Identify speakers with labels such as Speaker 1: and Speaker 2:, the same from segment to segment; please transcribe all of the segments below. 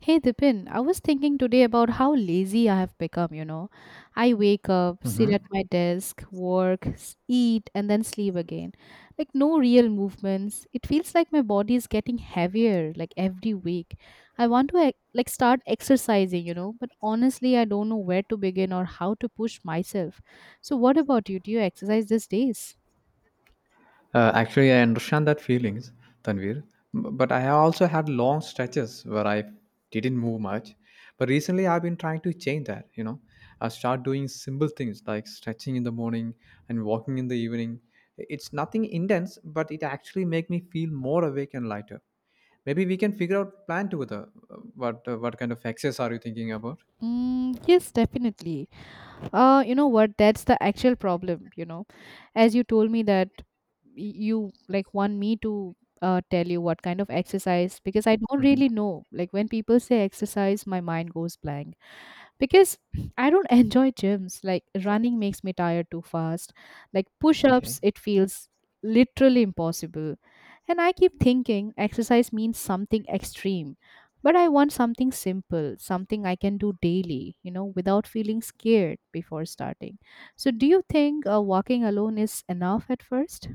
Speaker 1: Hey Dipin, I was thinking today about how lazy I have become, you know. I wake up, sit
Speaker 2: Hmm.
Speaker 1: at my desk, work, eat, and then sleep again. Like no real movements. It feels like my body is getting heavier like every week. I want to like start exercising, you know, but honestly, I don't know where to begin or how to push myself. So what about you? Do you exercise these days?
Speaker 2: Actually, I understand that feelings, Tanvir. But I have also had long stretches where I didn't move much. But recently, I've been trying to change that. You know, I start doing simple things like stretching in the morning and walking in the evening. It's nothing intense, but it actually make me feel more awake and lighter. Maybe we can figure out plan together. What kind of exercise are you thinking about?
Speaker 1: Mm, yes, definitely. You know what, that's the actual problem, you know, as you told me that you like want me to tell you what kind of exercise, because I don't really
Speaker 2: Hmm.
Speaker 1: know. Like when people say exercise, my mind goes blank because I don't enjoy gyms. Like running makes me tired too fast. Like
Speaker 2: Okay.
Speaker 1: push-ups, it feels literally impossible. And I keep thinking exercise means something extreme. But I want something simple, something I can do daily, you know, without feeling scared before starting. So, do you think walking alone is enough at first?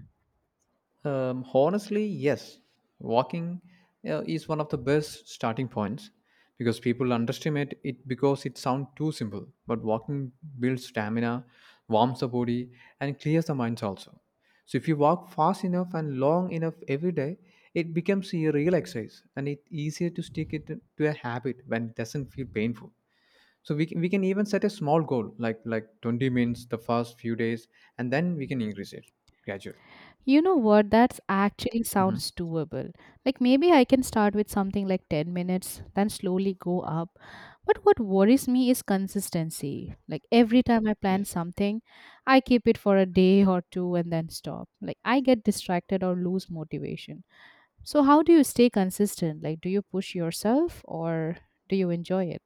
Speaker 2: Honestly, yes. Walking is one of the best starting points because people underestimate it because it sounds too simple. But walking builds stamina, warms the body, and clears the minds also. So if you walk fast enough and long enough every day, it becomes a real exercise and it's easier to stick it to a habit when it doesn't feel painful. So we can even set a small goal like 20 minutes the first few days and then we can increase it gradually.
Speaker 1: You know what? That's actually
Speaker 2: Hmm.
Speaker 1: sounds doable. Like maybe I can start with something like 10 minutes, then slowly go up. But what worries me is consistency. Like every time I plan
Speaker 2: Yes.
Speaker 1: something, I keep it for a day or two and then stop. Like I get distracted or lose motivation. So, how do you stay consistent? Like, do you push yourself or do you enjoy it?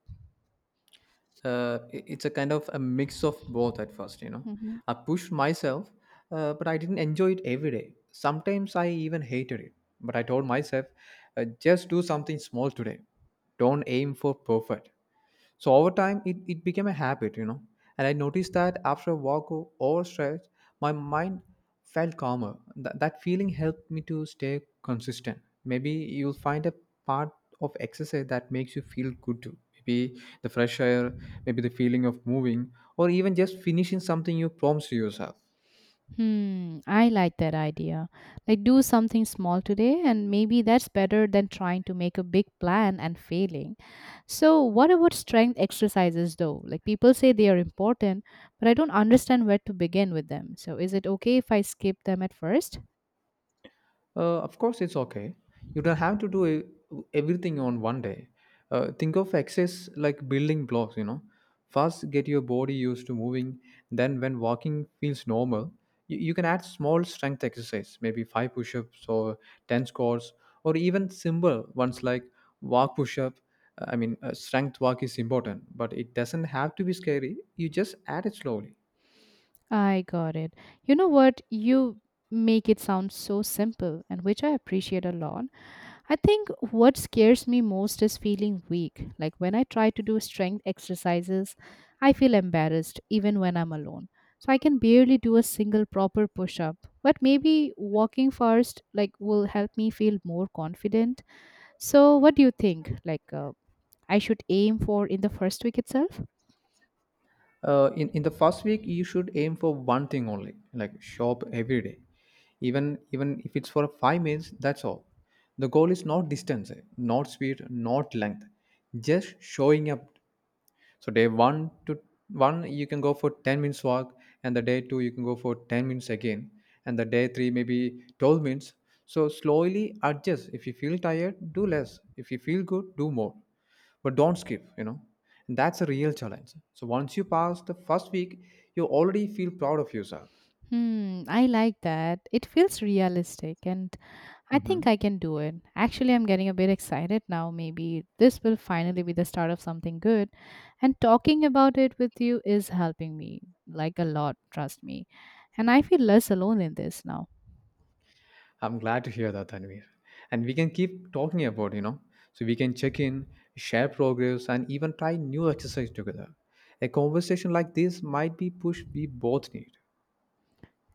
Speaker 2: It's a kind of a mix of both at first. You know,
Speaker 1: Mm-hmm.
Speaker 2: I pushed myself. But I didn't enjoy it every day. Sometimes I even hated it, but I told myself, just do something small today, don't aim for perfect. So over time it became a habit, you know, and I noticed that after a walk or stretch my mind felt calmer. That feeling helped me to stay consistent. Maybe you'll find a part of exercise that makes you feel good too. Maybe the fresh air, maybe the feeling of moving, or even just finishing something you promised yourself.
Speaker 1: Hmm, I like that idea. Like, do something small today, and maybe that's better than trying to make a big plan and failing. So, what about strength exercises though? Like, people say they are important, but I don't understand where to begin with them. So, is it okay if I skip them at first?
Speaker 2: Of course, it's okay. You don't have to do everything on one day. Think of exercise like building blocks, you know. First, get your body used to moving. Then, when walking feels normal, you can add small strength exercise, maybe five push ups or 10 squats, or even simple ones like walk push up. I mean, strength walk is important, but it doesn't have to be scary. You just add it slowly.
Speaker 1: I got it. You know what? You make it sound so simple, and which I appreciate a lot. I think what scares me most is feeling weak. Like when I try to do strength exercises, I feel embarrassed even when I'm alone. So I can barely do a single proper push up. But maybe walking first like will help me feel more confident. So what do you think? Like I should aim for in the first week itself?
Speaker 2: In the first week you should aim for one thing only, like shop every day, even if it's for 5 minutes. That's all. The goal is not distance, not speed, not length, just showing up. So day one to one you can go for 10 minutes walk, and the day two you can go for 10 minutes again, and the day three maybe 12 minutes. So slowly adjust. If you feel tired, do less. If you feel good, do more. But don't skip, you know. And that's a real challenge. So once you pass the first week, you already feel proud of yourself.
Speaker 1: Hmm, I like that. It feels realistic and I think I
Speaker 2: Mhm.
Speaker 1: can do it. Actually, I'm getting a bit excited now. Maybe this will finally be the start of something good. And talking about it with you is helping me like a lot, trust me. And I feel less alone in this now.
Speaker 2: I'm glad to hear that, Tanvir. And we can keep talking about, you know, so we can check in, share progress, and even try new exercise together. A conversation like this might be push we both need.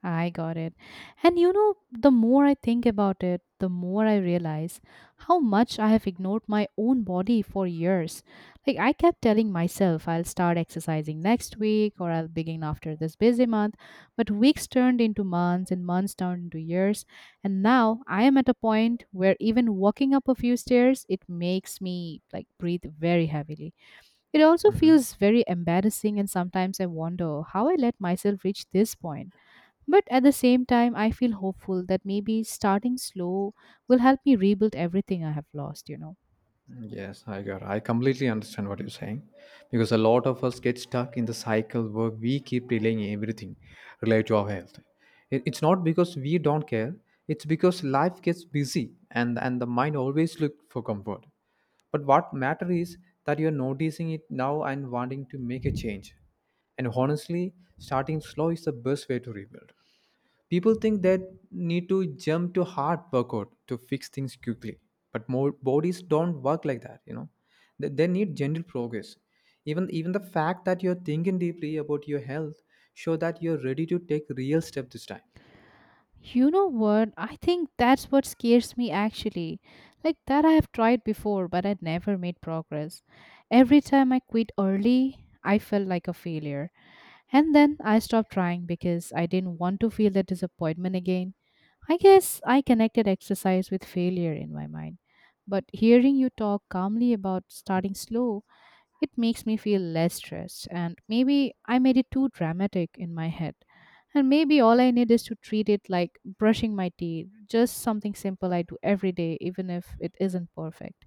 Speaker 1: I got it. And you know, the more I think about it, the more I realize how much I have ignored my own body for years. Like, I kept telling myself I'll start exercising next week or I'll begin after this busy month, but weeks turned into months and months turned into years. And now I am at a point where even walking up a few stairs, it makes me like breathe very heavily. It also
Speaker 2: Mhm.
Speaker 1: feels very embarrassing, and sometimes I wonder how I let myself reach this point. But at the same time, I feel hopeful that maybe starting slow will help me rebuild everything I have lost, you know.
Speaker 2: Yes, I got. I completely understand what you're saying, because a lot of us get stuck in the cycle where we keep delaying everything related to our health. It's not because we don't care; it's because life gets busy, and the mind always looks for comfort. But what matters is that you're noticing it now and wanting to make a change. And honestly, starting slow is the best way to rebuild. People think they need to jump to hard workout to fix things quickly, but more bodies don't work like that. You know, they need gentle progress. Even the fact that you're thinking deeply about your health show that you're ready to take real step this time.
Speaker 1: You know what? I think that's what scares me actually. Like that I have tried before, but I never made progress. Every time I quit early, I felt like a failure. And then I stopped trying because I didn't want to feel that disappointment again. I guess I connected exercise with failure in my mind. But hearing you talk calmly about starting slow, it makes me feel less stressed, and maybe I made it too dramatic in my head. And maybe all I need is to treat it like brushing my teeth, just something simple I do every day, even if it isn't perfect.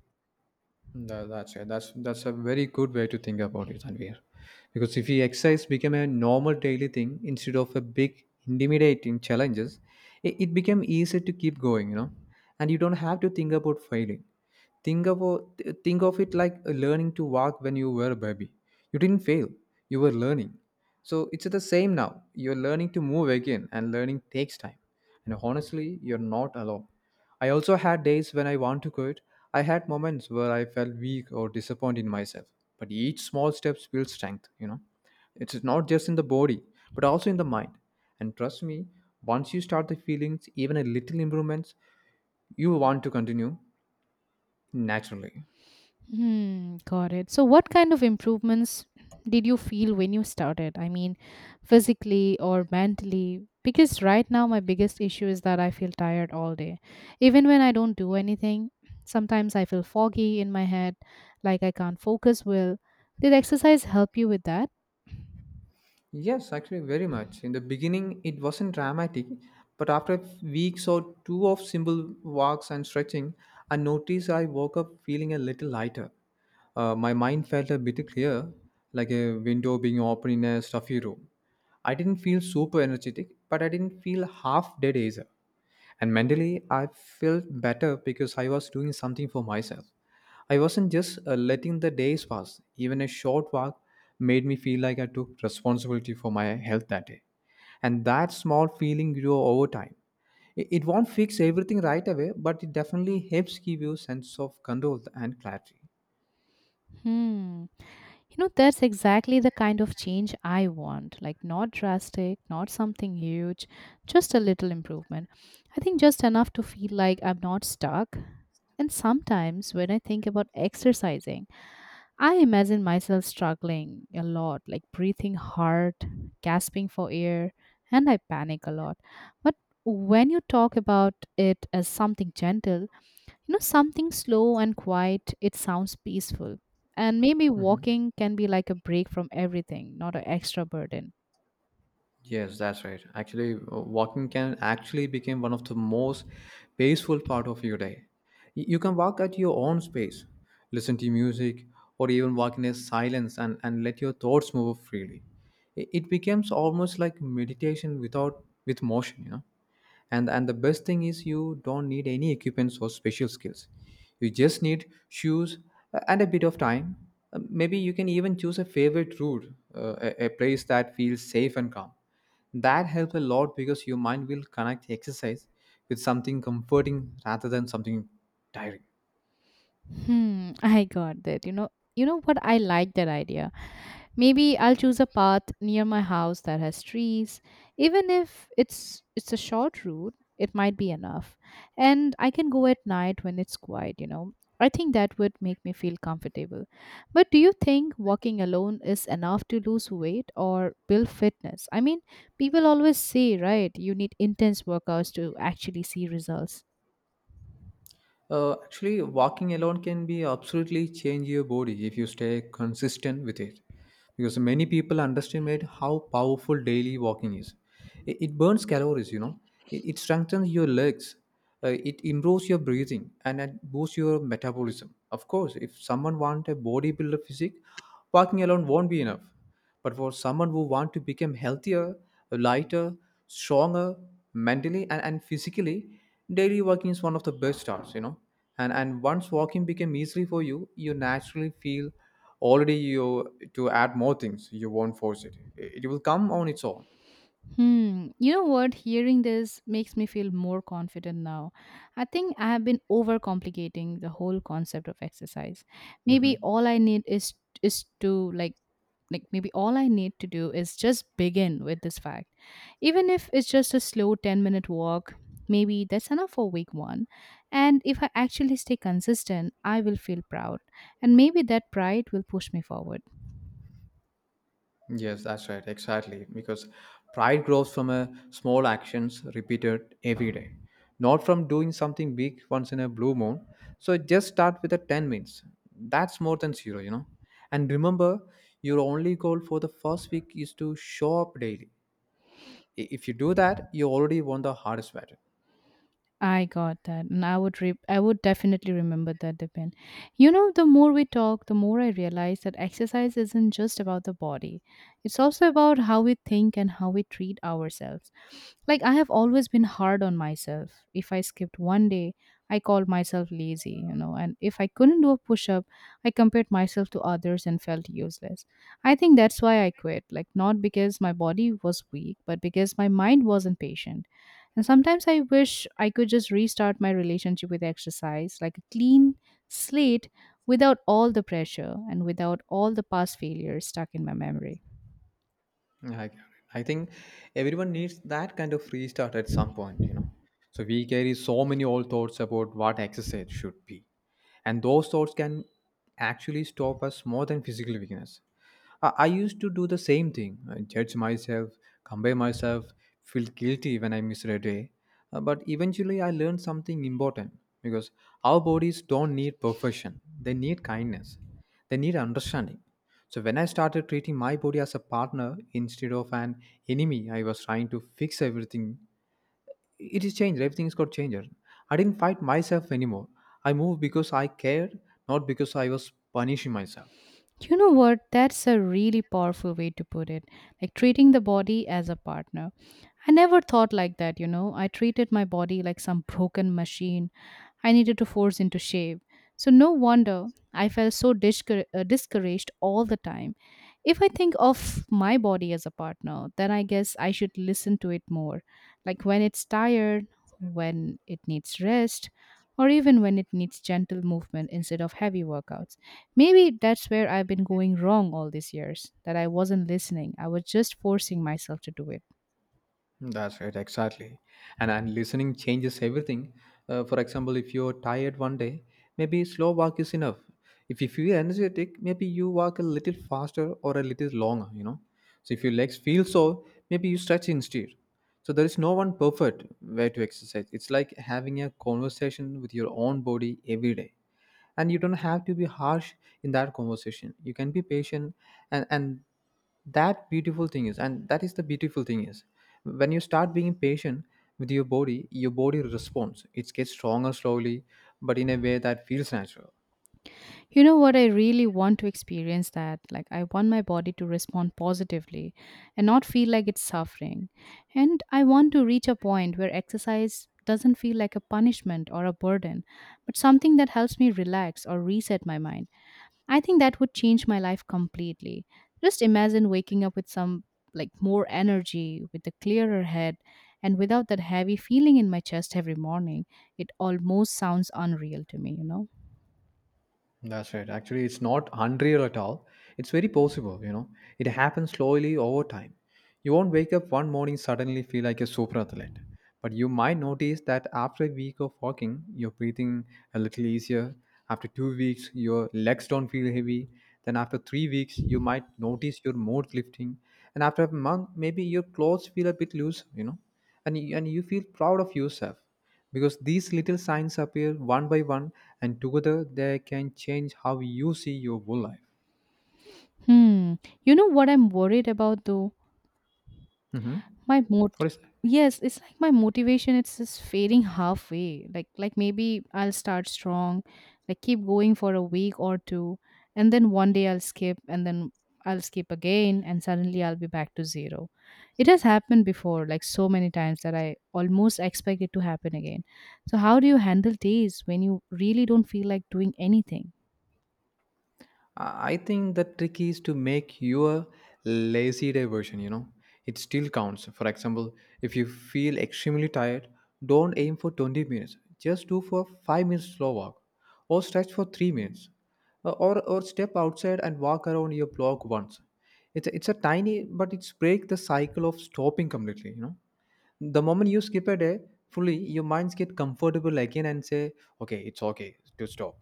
Speaker 2: That's it. That's a very good way to think about it, Tanvir. Because if we exercise become a normal daily thing instead of a big intimidating challenges, it became easier to keep going, you know. And you don't have to think about failing. Think of it like learning to walk when you were a baby. You didn't fail, you were learning, so it's the same now. You're learning to move again, and learning takes time. And honestly, you're not alone. I also had days when I want to quit. I had moments where I felt weak or disappointed in myself, but each small step builds strength, you know. It's not just in the body, but also in the mind. And trust me, once you start the feelings even a little improvements, you want to continue naturally.
Speaker 1: Hmm, got it. So, what kind of improvements did you feel when you started? I mean, physically or mentally? Because right now, my biggest issue is that I feel tired all day. Even when I don't do anything, sometimes I feel foggy in my head, like I can't focus well. Did exercise help you with that?
Speaker 2: Yes, actually, very much. In the beginning, it wasn't dramatic, but after weeks or two of simple walks and stretching, I noticed I woke up feeling a little lighter. My mind felt a bit clear, like a window being opened in a stuffy room. I didn't feel super energetic, but I didn't feel half dead either. And mentally, I felt better because I was doing something for myself. I wasn't just letting the days pass. Even a short walk made me feel like I took responsibility for my health that day. And that small feeling grew over time. It won't fix everything right away, but it definitely helps give you a sense of control and clarity.
Speaker 1: Hmm. You know, that's exactly the kind of change I want. Like, not drastic, not something huge, just a little improvement. I think just enough to feel like I'm not stuck. And sometimes when I think about exercising, I imagine myself struggling a lot, like breathing hard, gasping for air, and I panic a lot. But when you talk about it as something gentle, you know, something slow and quiet, it sounds peaceful. And maybe
Speaker 2: Mhm.
Speaker 1: walking can be like a break from everything, not an extra burden.
Speaker 2: Yes, that's right. Actually, walking can actually become one of the most peaceful part of your day. You can walk at your own space, listen to music, or even walk in a silence, and let your thoughts move freely. It becomes almost like meditation without with motion, you know. And the best thing is you don't need any equipments or special skills. You just need shoes, and a bit of time. Maybe you can even choose a favorite route, a place that feels safe and calm. That helps a lot because your mind will connect exercise with something comforting rather than something.
Speaker 1: Hmm, I got that, you know. You know what, I like that idea. Maybe I'll choose a path near my house that has trees. Even if it's a short route, it might be enough. And I can go at night when it's quiet, you know. I think that would make me feel comfortable. But do you think walking alone is enough to lose weight or build fitness? I mean, people always say, right, you need intense workouts to actually see results.
Speaker 2: Actually, walking alone can be absolutely change your body if you stay consistent with it. Because many people underestimate how powerful daily walking is. It burns calories, you know. It strengthens your legs. It improves your breathing and it boosts your metabolism. Of course, if someone want a bodybuilder physique, walking alone won't be enough. But for someone who want to become healthier, lighter, stronger mentally and physically, daily walking is one of the best starts, you know. And once walking became easily for you, you naturally feel already you to add more things. You won't force it. It will come on its own.
Speaker 1: Hmm. You know what? Hearing this makes me feel more confident now. I think I have been overcomplicating the whole concept of exercise. Maybe
Speaker 2: Mhm.
Speaker 1: all I need is to like maybe all I need to do is just begin with this fact. Even if it's just a slow 10-minute walk, maybe that's enough for week 1. And if I actually stay consistent, I will feel proud. And maybe that pride will push me forward.
Speaker 2: Yes, that's right. Exactly. Because pride grows from a small actions repeated every day, not from doing something big once in a blue moon. So just start with a 10 minutes. That's more than zero, you know. And remember, your only goal for the first week is to show up daily. If you do that, you already won the hardest battle.
Speaker 1: I got that, and I would I would definitely remember that, Dipen. You know, the more we talk, the more I realize that exercise isn't just about the body; it's also about how we think and how we treat ourselves. Like I have always been hard on myself. If I skipped 1 day, I called myself lazy, you know, and if I couldn't do a push-up, I compared myself to others and felt useless. I think that's why I quit. Like not because my body was weak, but because my mind wasn't patient, and sometimes I wish I could just restart my relationship with exercise, like a clean slate without all the pressure and without all the past failures stuck in my memory.
Speaker 2: Get it. I think everyone needs that kind of restart at some point, you know. So we carry so many old thoughts about what exercise should be, and those thoughts can actually stop us more than physical weakness. I used to do the same thing, judge myself, compare myself, feel guilty when I miss a day. But eventually, I learned something important, because our bodies don't need perfection, they need kindness, they need understanding. So, when I started treating my body as a partner instead of an enemy, I was trying to fix everything. It is changed, everything is got changed. I didn't fight myself anymore. I moved because I cared, not because I was punishing myself.
Speaker 1: You know what? That's a really powerful way to put it. Like treating the body as a partner. I never thought like that, you know. I treated my body like some broken machine I needed to force into shape. So, no wonder I felt so discouraged all the time. If I think of my body as a partner, then I guess I should listen to it more. Like when it's tired, when it needs rest, or even when it needs gentle movement instead of heavy workouts. Maybe that's where I've been going wrong all these years, that I wasn't listening. I was just forcing myself to do it.
Speaker 2: That's right, exactly. And listening changes everything. For example, if you're tired one day, maybe slow walk is enough. If you feel energetic, maybe you walk a little faster or a little longer, you know. So if your legs feel sore, maybe you stretch instead. So there is no one perfect way to exercise. It's like having a conversation with your own body every day, and you don't have to be harsh. In that conversation you can be patient. And and that beautiful thing is and that is the beautiful thing is, when you start being patient with your body, your body responds. It gets stronger slowly, but in a way that feels natural.
Speaker 1: You know what? I really want to experience that. Like, I want my body to respond positively and not feel like it's suffering. And I want to reach a point where exercise doesn't feel like a punishment or a burden, but something that helps me relax or reset my mind. I think that would change my life completely. Just imagine waking up with some like more energy, with a clearer head, and without that heavy feeling in my chest every morning. It almost sounds unreal to me, you know?
Speaker 2: That's right. Actually, it's not unreal at all. It's very possible, you know. It happens slowly over time. You won't wake up one morning suddenly feel like a super athlete. But you might notice that after a week of walking, you're breathing a little easier. After 2 weeks, your legs don't feel heavy. Then after 3 weeks, you might notice your mood lifting. And after a month, maybe your clothes feel a bit loose, and you feel proud of yourself because these little signs appear one by one, and together they can change how you see your whole life.
Speaker 1: Hmm. You know what I'm worried about though?
Speaker 2: Hmm.
Speaker 1: My mot—
Speaker 2: What is that?
Speaker 1: yes, it's like my motivation, it's just fading halfway. Like maybe I'll start strong, like keep going for a week or two, and then 1 day I'll skip, and then I'll skip again, and suddenly I'll be back to zero. It has happened before like so many times that I almost expect it to happen again. So how do you handle days when you really don't feel like doing anything?
Speaker 2: I think the trick is to make your lazy day version. It still counts. For example, if you feel extremely tired, don't aim for 20 minutes. Just do for 5 minutes slow walk or stretch for 3 minutes. Or step outside and walk around your block once. It's a tiny, but it's break the cycle of stopping completely. The moment you skip a day fully, your minds get comfortable again and say, okay, it's okay to stop.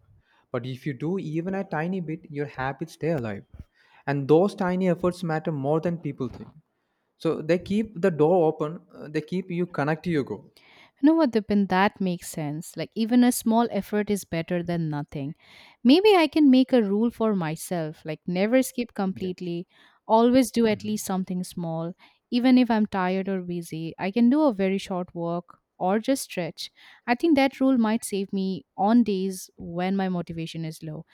Speaker 2: But if you do even a tiny bit, your habits stay alive, and those tiny efforts matter more than people think. So they keep the door open, they keep you connect to your goal.
Speaker 1: You know what, Dipin, that makes sense. Like, even a small effort is better than nothing. Maybe I can make a rule for myself, like, never skip
Speaker 2: Yeah.
Speaker 1: completely, always do at
Speaker 2: Mhm.
Speaker 1: least something small. Even if I'm tired or busy, I can do a very short walk or just stretch. I think that rule might save me on days when my motivation is low.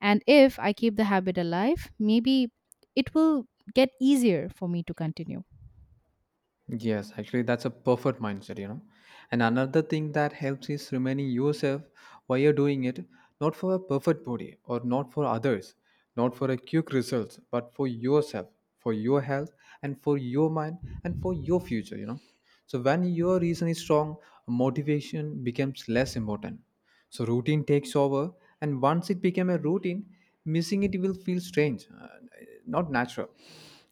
Speaker 1: And if I keep the habit alive, maybe it will get easier for me to continue.
Speaker 2: Yes, actually, that's a perfect mindset. And another thing that helps is remaining yourself while you're doing it, not for a perfect body or not for others, not for a quick results, but for yourself, for your health, and for your mind, and for your future. So when your reason is strong, motivation becomes less important. So routine takes over, and once it became a routine, missing it will feel strange, not natural.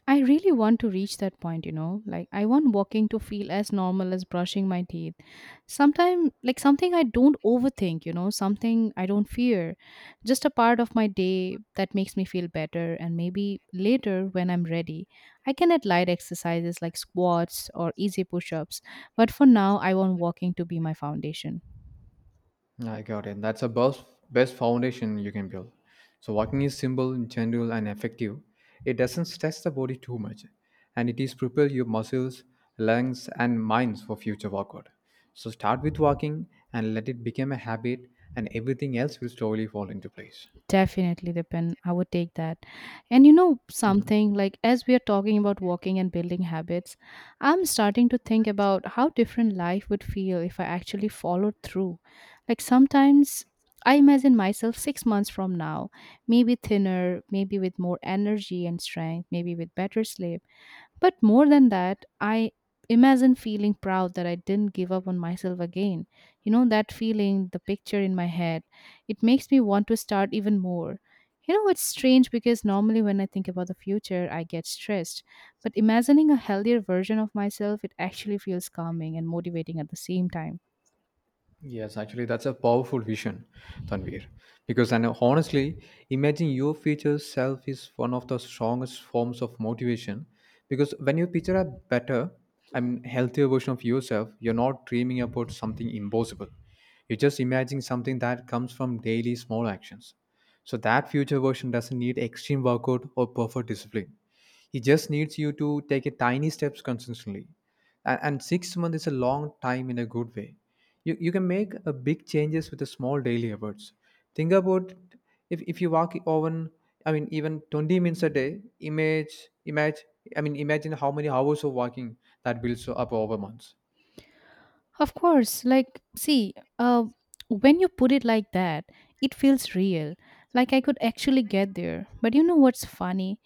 Speaker 1: I really want to reach that point, you know. Like I want walking to feel as normal as brushing my teeth. Sometimes like something I don't overthink, you know, something I don't fear. Just a part of my day that makes me feel better, and maybe later when I'm ready, I can add light exercises like squats or easy push-ups. But for now, I want walking to be my foundation.
Speaker 2: I got it. That's the best foundation you can build. So walking is simple, gentle, and effective. It doesn't stress the body too much, and it is prepare your muscles, lungs, and minds for future workout. So start with walking and let it become a habit, and everything else will slowly fall into place.
Speaker 1: Definitely, depend. I would take that. And you know
Speaker 2: Mhm.
Speaker 1: something, like as we are talking about walking and building habits, I'm starting to think about how different life would feel if I actually followed through. Like sometimes I imagine myself 6 months from now, maybe thinner, maybe with more energy and strength, maybe with better sleep. But more than that, I imagine feeling proud that I didn't give up on myself again. You know, that feeling, the picture in my head, it makes me want to start even more. You know, it's strange because normally when I think about the future, I get stressed. But imagining a healthier version of myself, it actually feels calming and motivating at the same time.
Speaker 2: Yes, actually, that's a powerful vision, Tanvir. Because, and honestly, imagine your future self is one of the strongest forms of motivation. Because when you picture a better, I mean, healthier version of yourself, you're not dreaming about something impossible. You're just imagining something that comes from daily small actions. So that future version doesn't need extreme workout or perfect discipline. He just needs you to take a tiny steps consistently, and 6 months is a long time in a good way. You can make a big changes with the small daily efforts. Think about if you walk even, I mean, even 20 minutes a day, image image I mean, imagine how many hours of walking that builds up over months.
Speaker 1: Of course, like, see, uh, when you put it like that, it feels real. Like I could actually get there. But you know what's funny?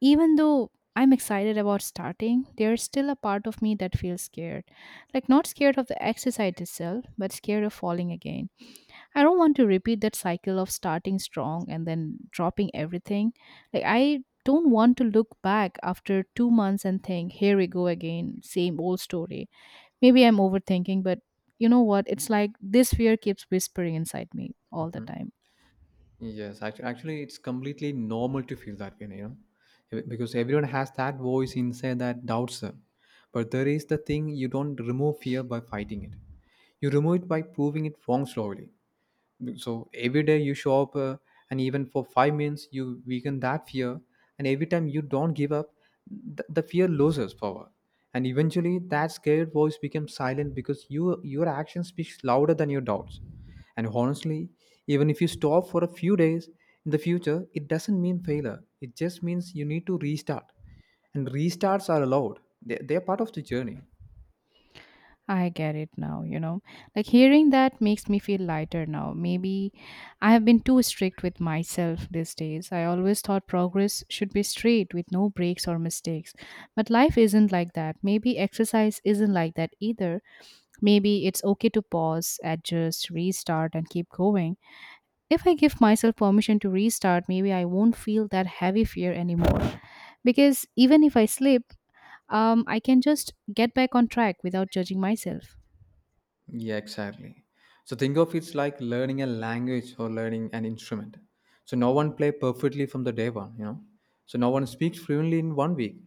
Speaker 1: Even though I'm excited about starting, there's still a part of me that feels scared. Like, not scared of the exercise itself, but scared of falling again. I don't want to repeat that cycle of starting strong and then dropping everything. Like, I don't want to look back after 2 months and think, here we go again, same old story. Maybe I'm overthinking, but you know what? It's like this fear keeps whispering inside me all the
Speaker 2: Mhm.
Speaker 1: time.
Speaker 2: Yes, actually it's completely normal to feel that way. Because everyone has that voice inside that doubts them. But there is the thing: you don't remove fear by fighting it, you remove it by proving it wrong slowly. So every day you show up, and even for 5 minutes, you weaken that fear. And every time you don't give up, the fear loses power. And eventually that scared voice becomes silent because your action speaks louder than your doubts. And honestly, even if you stop for a few days in the future, it doesn't mean failure, it just means you need to restart. And restarts are allowed, they're part of the journey.
Speaker 1: I get it now, you know. Like hearing that makes me feel lighter now. Maybe I have been too strict with myself these days. I always thought progress should be straight with no breaks or mistakes. But life isn't like that. Maybe exercise isn't like that either. Maybe it's okay to pause, adjust, restart, and keep going. If I give myself permission to restart, maybe I won't feel that heavy fear anymore. Because even if I slip, I can just get back on track without judging myself.
Speaker 2: Yeah, exactly. So think of it's like learning a language or learning an instrument. So no one play perfectly from the day one. So no one speaks fluently in one week.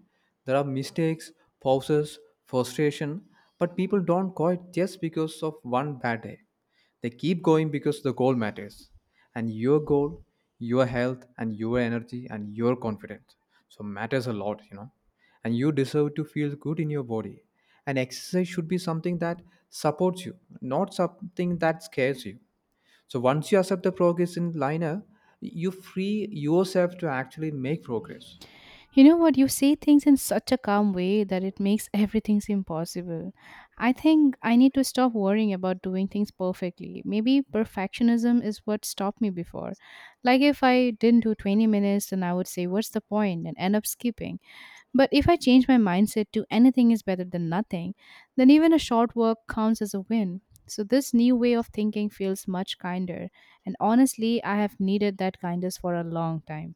Speaker 2: There are mistakes, pauses, frustration, but people don't quit just because of one bad day. They keep going because the goal matters. And your goal, your health and your energy and your confidence. So matters a lot. And you deserve to feel good in your body. And exercise should be something that supports you, not something that scares you. So once you accept the progress in liner, you free yourself to actually make progress.
Speaker 1: You know what? You say things in such a calm way that it makes everything seem possible. I think I need to stop worrying about doing things perfectly. Maybe perfectionism is what stopped me before. Like if I didn't do 20 minutes, then I would say, "What's the point?" and end up skipping. But if I change my mindset to anything is better than nothing, then even a short work counts as a win. So this new way of thinking feels much kinder. And honestly, I have needed that kindness for a long time.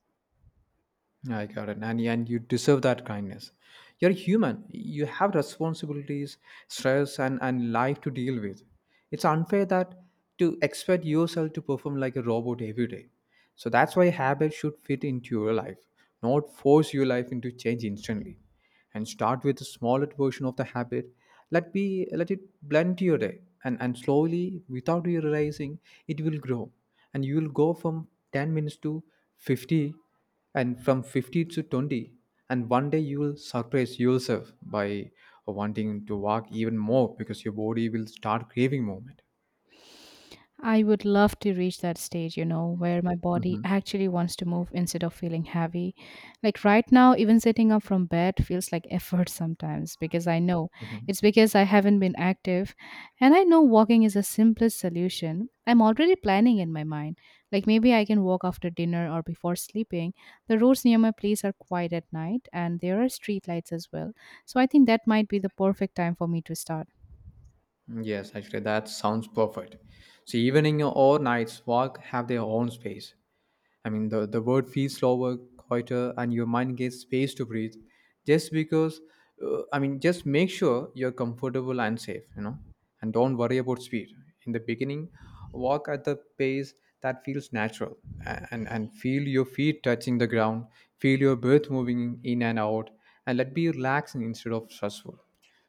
Speaker 2: I got it. And you deserve that kindness. You're human. You have responsibilities, stress, and life to deal with. It's unfair that to expect yourself to perform like a robot every day. So that's why habits should fit into your life, not force your life into change instantly. And start with a smaller version of the habit. Let it blend to your day. And slowly, without you realizing, it will grow. And you will go from 10 minutes to 50, and from 50 to 20, and one day you will surprise yourself by wanting to walk even more because your body will start craving movement.
Speaker 1: I would love to reach that stage, you know, where my body
Speaker 2: Mhm.
Speaker 1: actually wants to move instead of feeling heavy. Like right now, even sitting up from bed feels like effort sometimes because I know
Speaker 2: Mhm.
Speaker 1: it's because I haven't been active and I know walking is the simplest solution. I'm already planning in my mind. Like maybe I can walk after dinner or before sleeping. The roads near my place are quiet at night and there are street lights as well. So I think that might be the perfect time for me to start.
Speaker 2: Yes, actually, that sounds perfect. So evening or nights walk have their own space. I mean, the word feels slower, quieter, and your mind gets space to breathe just because, I mean, just make sure you're comfortable and safe, and don't worry about speed. In the beginning, walk at the pace that feels natural and feel your feet touching the ground, feel your breath moving in and out, and let be relaxing instead of stressful.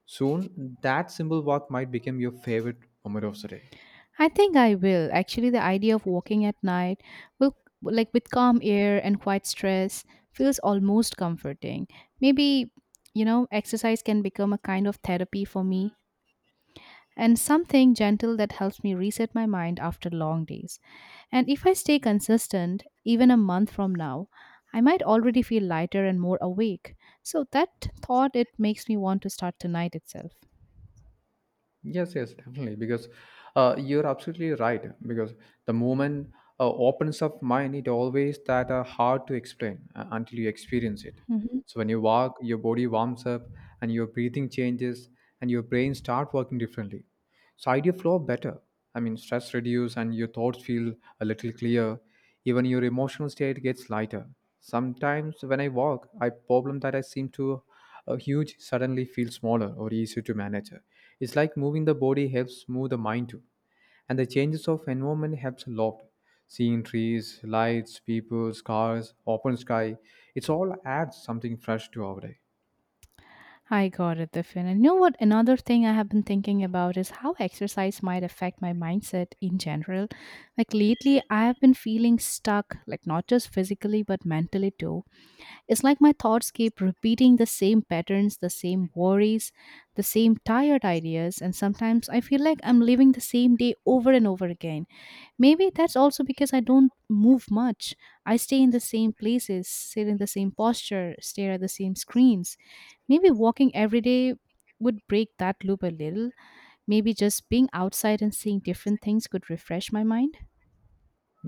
Speaker 2: Soon, that simple walk might become your favorite moment of the day.
Speaker 1: I think I will. Actually, the idea of walking at night will, like with calm air and quiet stress, feels almost comforting. Maybe, you know, exercise can become a kind of therapy for me and something gentle that helps me reset my mind after long days. And if I stay consistent, even a month from now, I might already feel lighter and more awake. So that thought, it makes me want to start tonight itself.
Speaker 2: Yes, yes, definitely. Because you're absolutely right. Because the moment opens up mind, it always that are hard to explain until you experience it.
Speaker 1: Mhm.
Speaker 2: So when you walk, your body warms up, and your breathing changes, and your brain start working differently. So idea flow better. I mean, stress reduce, and your thoughts feel a little clear. Even your emotional state gets lighter. Sometimes when I walk, I problem that I seem to a huge suddenly feels smaller or easier to manage. It's like moving the body helps move the mind too. And the changes of environment helps a lot. Seeing trees, lights, people, cars, open sky, it's all adds something fresh to our day.
Speaker 1: I got it, Diffin. And you know what? Another thing I have been thinking about is how exercise might affect my mindset in general. Like lately, I have been feeling stuck, like not just physically, but mentally too. It's like my thoughts keep repeating the same patterns, the same worries, the same tired ideas. And sometimes I feel like I'm living the same day over and over again. Maybe that's also because I don't move much. I stay in the same places, sit in the same posture, stare at the same screens. Maybe walking every day would break that loop a little. Maybe just being outside and seeing different things could refresh my mind.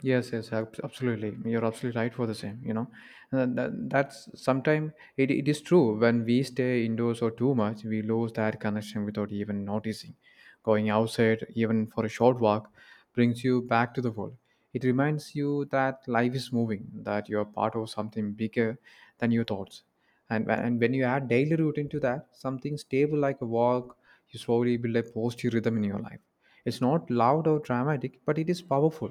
Speaker 2: Yes, yes, absolutely. You're absolutely right for the same. And that's sometimes it is true: when we stay indoors or too much, we lose that connection without even noticing. Going outside, even for a short walk, brings you back to the world. It reminds you that life is moving, that you're part of something bigger than your thoughts. And when you add daily routine to that, something stable like a walk, you slowly build a positive rhythm in your life. It's not loud or dramatic, but it is powerful.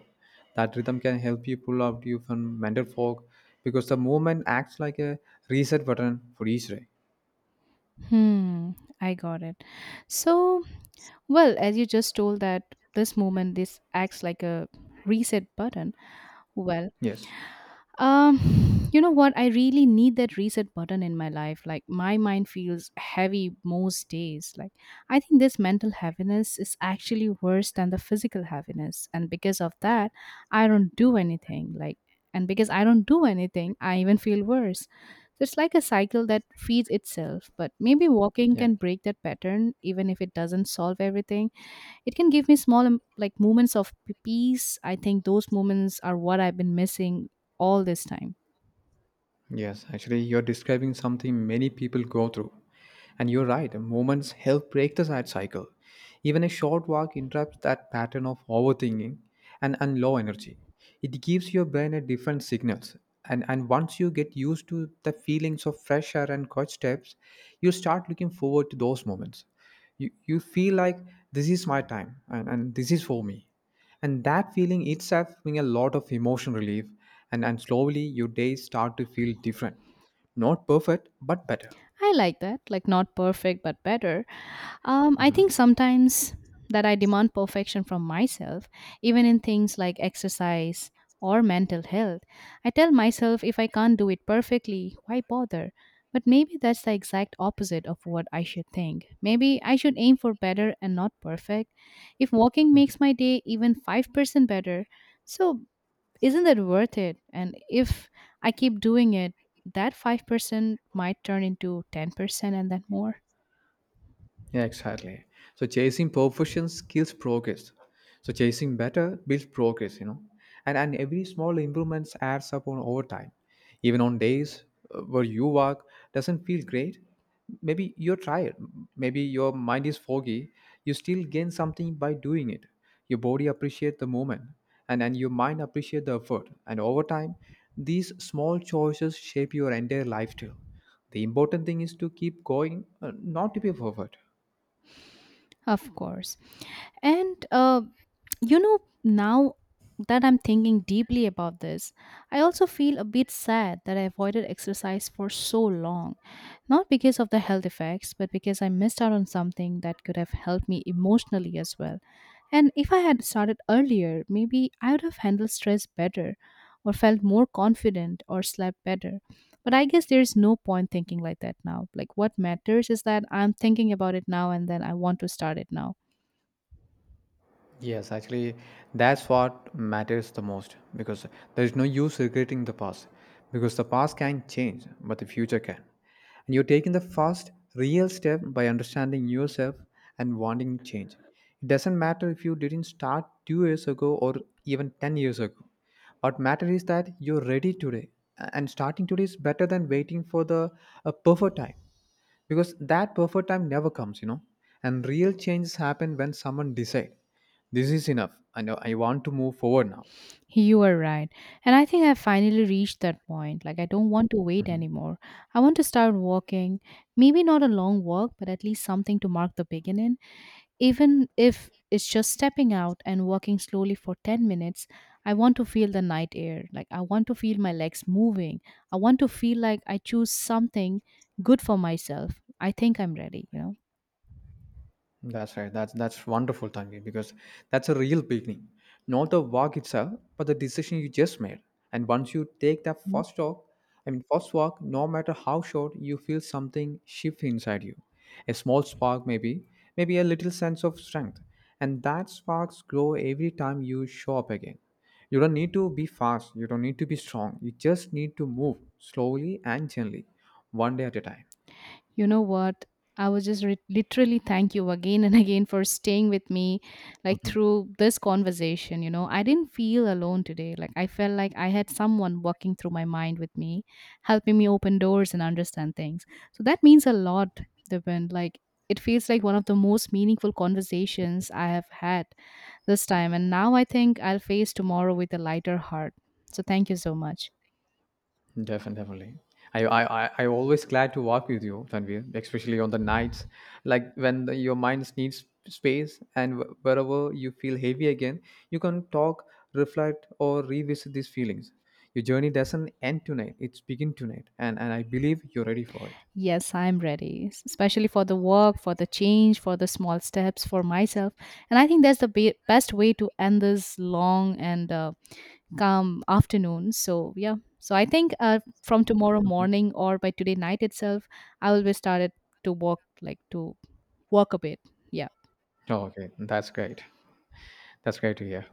Speaker 2: That rhythm can help you pull out you from mental fog because the movement acts like a reset button for each day.
Speaker 1: Hmm, I got it. So, well, as you just told, that this moment this acts like a reset button. Well,
Speaker 2: Yes.
Speaker 1: You know what? I really need that reset button in my life. Like my mind feels heavy most days. Like I think this mental heaviness is actually worse than the physical heaviness, and because of that, I don't do anything. Like and because I don't do anything, I even feel worse. So it's like a cycle that feeds itself. But maybe walking
Speaker 2: Yeah.
Speaker 1: can break that pattern, even if it doesn't solve everything. It can give me small like moments of peace. I think those moments are what I've been missing all this time.
Speaker 2: Yes, actually, you're describing something many people go through. And you're right, moments help break the sad cycle. Even a short walk interrupts that pattern of overthinking and low energy. It gives your brain a different signals. And once you get used to the feelings of fresh air and quiet steps, you start looking forward to those moments. You feel like this is my time, and this is for me, and that feeling itself brings a lot of emotion relief, and slowly your days start to feel different, not perfect but better.
Speaker 1: I like that, like not perfect but better. I think sometimes that I demand perfection from myself, even in things like exercise or mental health. I tell myself if I can't do it perfectly, why bother? But maybe that's the exact opposite of what I should think. Maybe I should aim for better and not perfect. If walking makes my day even 5% better, so isn't that worth it? And if I keep doing it, that 5% might turn into 10% and then more.
Speaker 2: Yeah, exactly. So chasing perfections kills progress. So chasing better builds progress. And every small improvements adds up on over time. Even on days, where you work doesn't feel great, maybe you're tired, maybe your mind is foggy, you still gain something by doing it. Your body appreciates the moment, and your mind appreciates the effort. And over time, these small choices shape your entire lifestyle. The important thing is to keep going, not to be perfect.
Speaker 1: Of course. And you know, now that I'm thinking deeply about this, I also feel a bit sad that I avoided exercise for so long. Not because of the health effects, but because I missed out on something that could have helped me emotionally as well. And if I had started earlier, maybe I would have handled stress better or felt more confident or slept better. But I guess there's no point thinking like that now. Like, what matters is that I'm thinking about it now and then I want to start it now.
Speaker 2: Yes, actually, that's what matters the most because there is no use regretting the past, because the past can change, but the future can. And you're taking the first real step by understanding yourself and wanting change. It doesn't matter if you didn't start 2 years ago or even 10 years ago. What matters is that you're ready today, and starting today is better than waiting for the a perfect time, because that perfect time never comes. And real changes happen when someone decide this is enough, and I know I want to move forward now.
Speaker 1: You are right. And I think I finally reached that point. Like, I don't want to wait
Speaker 2: Mhm.
Speaker 1: anymore. I want to start walking. Maybe not a long walk, but at least something to mark the beginning. Even if it's just stepping out and walking slowly for 10 minutes, I want to feel the night air. Like, I want to feel my legs moving. I want to feel like I choose something good for myself. I think I'm ready, you know?
Speaker 2: That's right. That's wonderful, Tangi, because that's a real beginning. Not the walk itself, but the decision you just made. And once you take that first walk, I mean first walk, no matter how short, you feel something shift inside you. A small spark maybe, maybe a little sense of strength. And that sparks grow every time you show up again. You don't need to be fast, you don't need to be strong. You just need to move slowly and gently, one day at a time.
Speaker 1: You know what? I was just literally thank you again and again for staying with me, like
Speaker 2: Mhm.
Speaker 1: through this conversation. You know, I didn't feel alone today. Like, I felt like I had someone walking through my mind with me, helping me open doors and understand things. So that means a lot, Dipen. Like, it feels like one of the most meaningful conversations I have had this time. And now I think I'll face tomorrow with a lighter heart. So thank you so much.
Speaker 2: Definitely. I always glad to walk with you, Tanvir, especially on the nights, like when your mind needs space, and wherever you feel heavy again, you can talk, reflect, or revisit these feelings. Your journey doesn't end tonight; it's begin tonight, and I believe you're ready for it.
Speaker 1: Yes, I'm ready, especially for the work, for the change, for the small steps for myself. And I think that's the best way to end this long and calm afternoon. So, yeah. So, I think from tomorrow
Speaker 2: Mhm.
Speaker 1: morning or by today night itself, I will be started to walk, like to walk a bit. Yeah.
Speaker 2: Oh, okay, that's great. That's great to hear.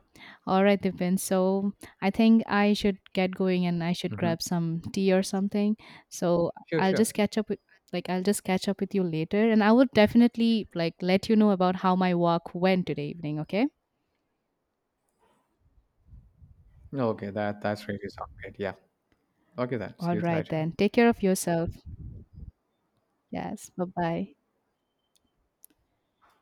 Speaker 1: All right, Dipen. So I think I should get going and I should
Speaker 2: Hmm.
Speaker 1: grab some tea or something. So
Speaker 2: Sure,
Speaker 1: I'll
Speaker 2: sure.
Speaker 1: just catch up with, like I'll just catch up with you later and I would definitely like let you know about how my walk went today evening, okay?
Speaker 2: Okay, that's really sound great. Yeah. Okay, then. See
Speaker 1: All
Speaker 2: you
Speaker 1: right
Speaker 2: later.
Speaker 1: then. Take care of yourself. Yes. Bye-bye.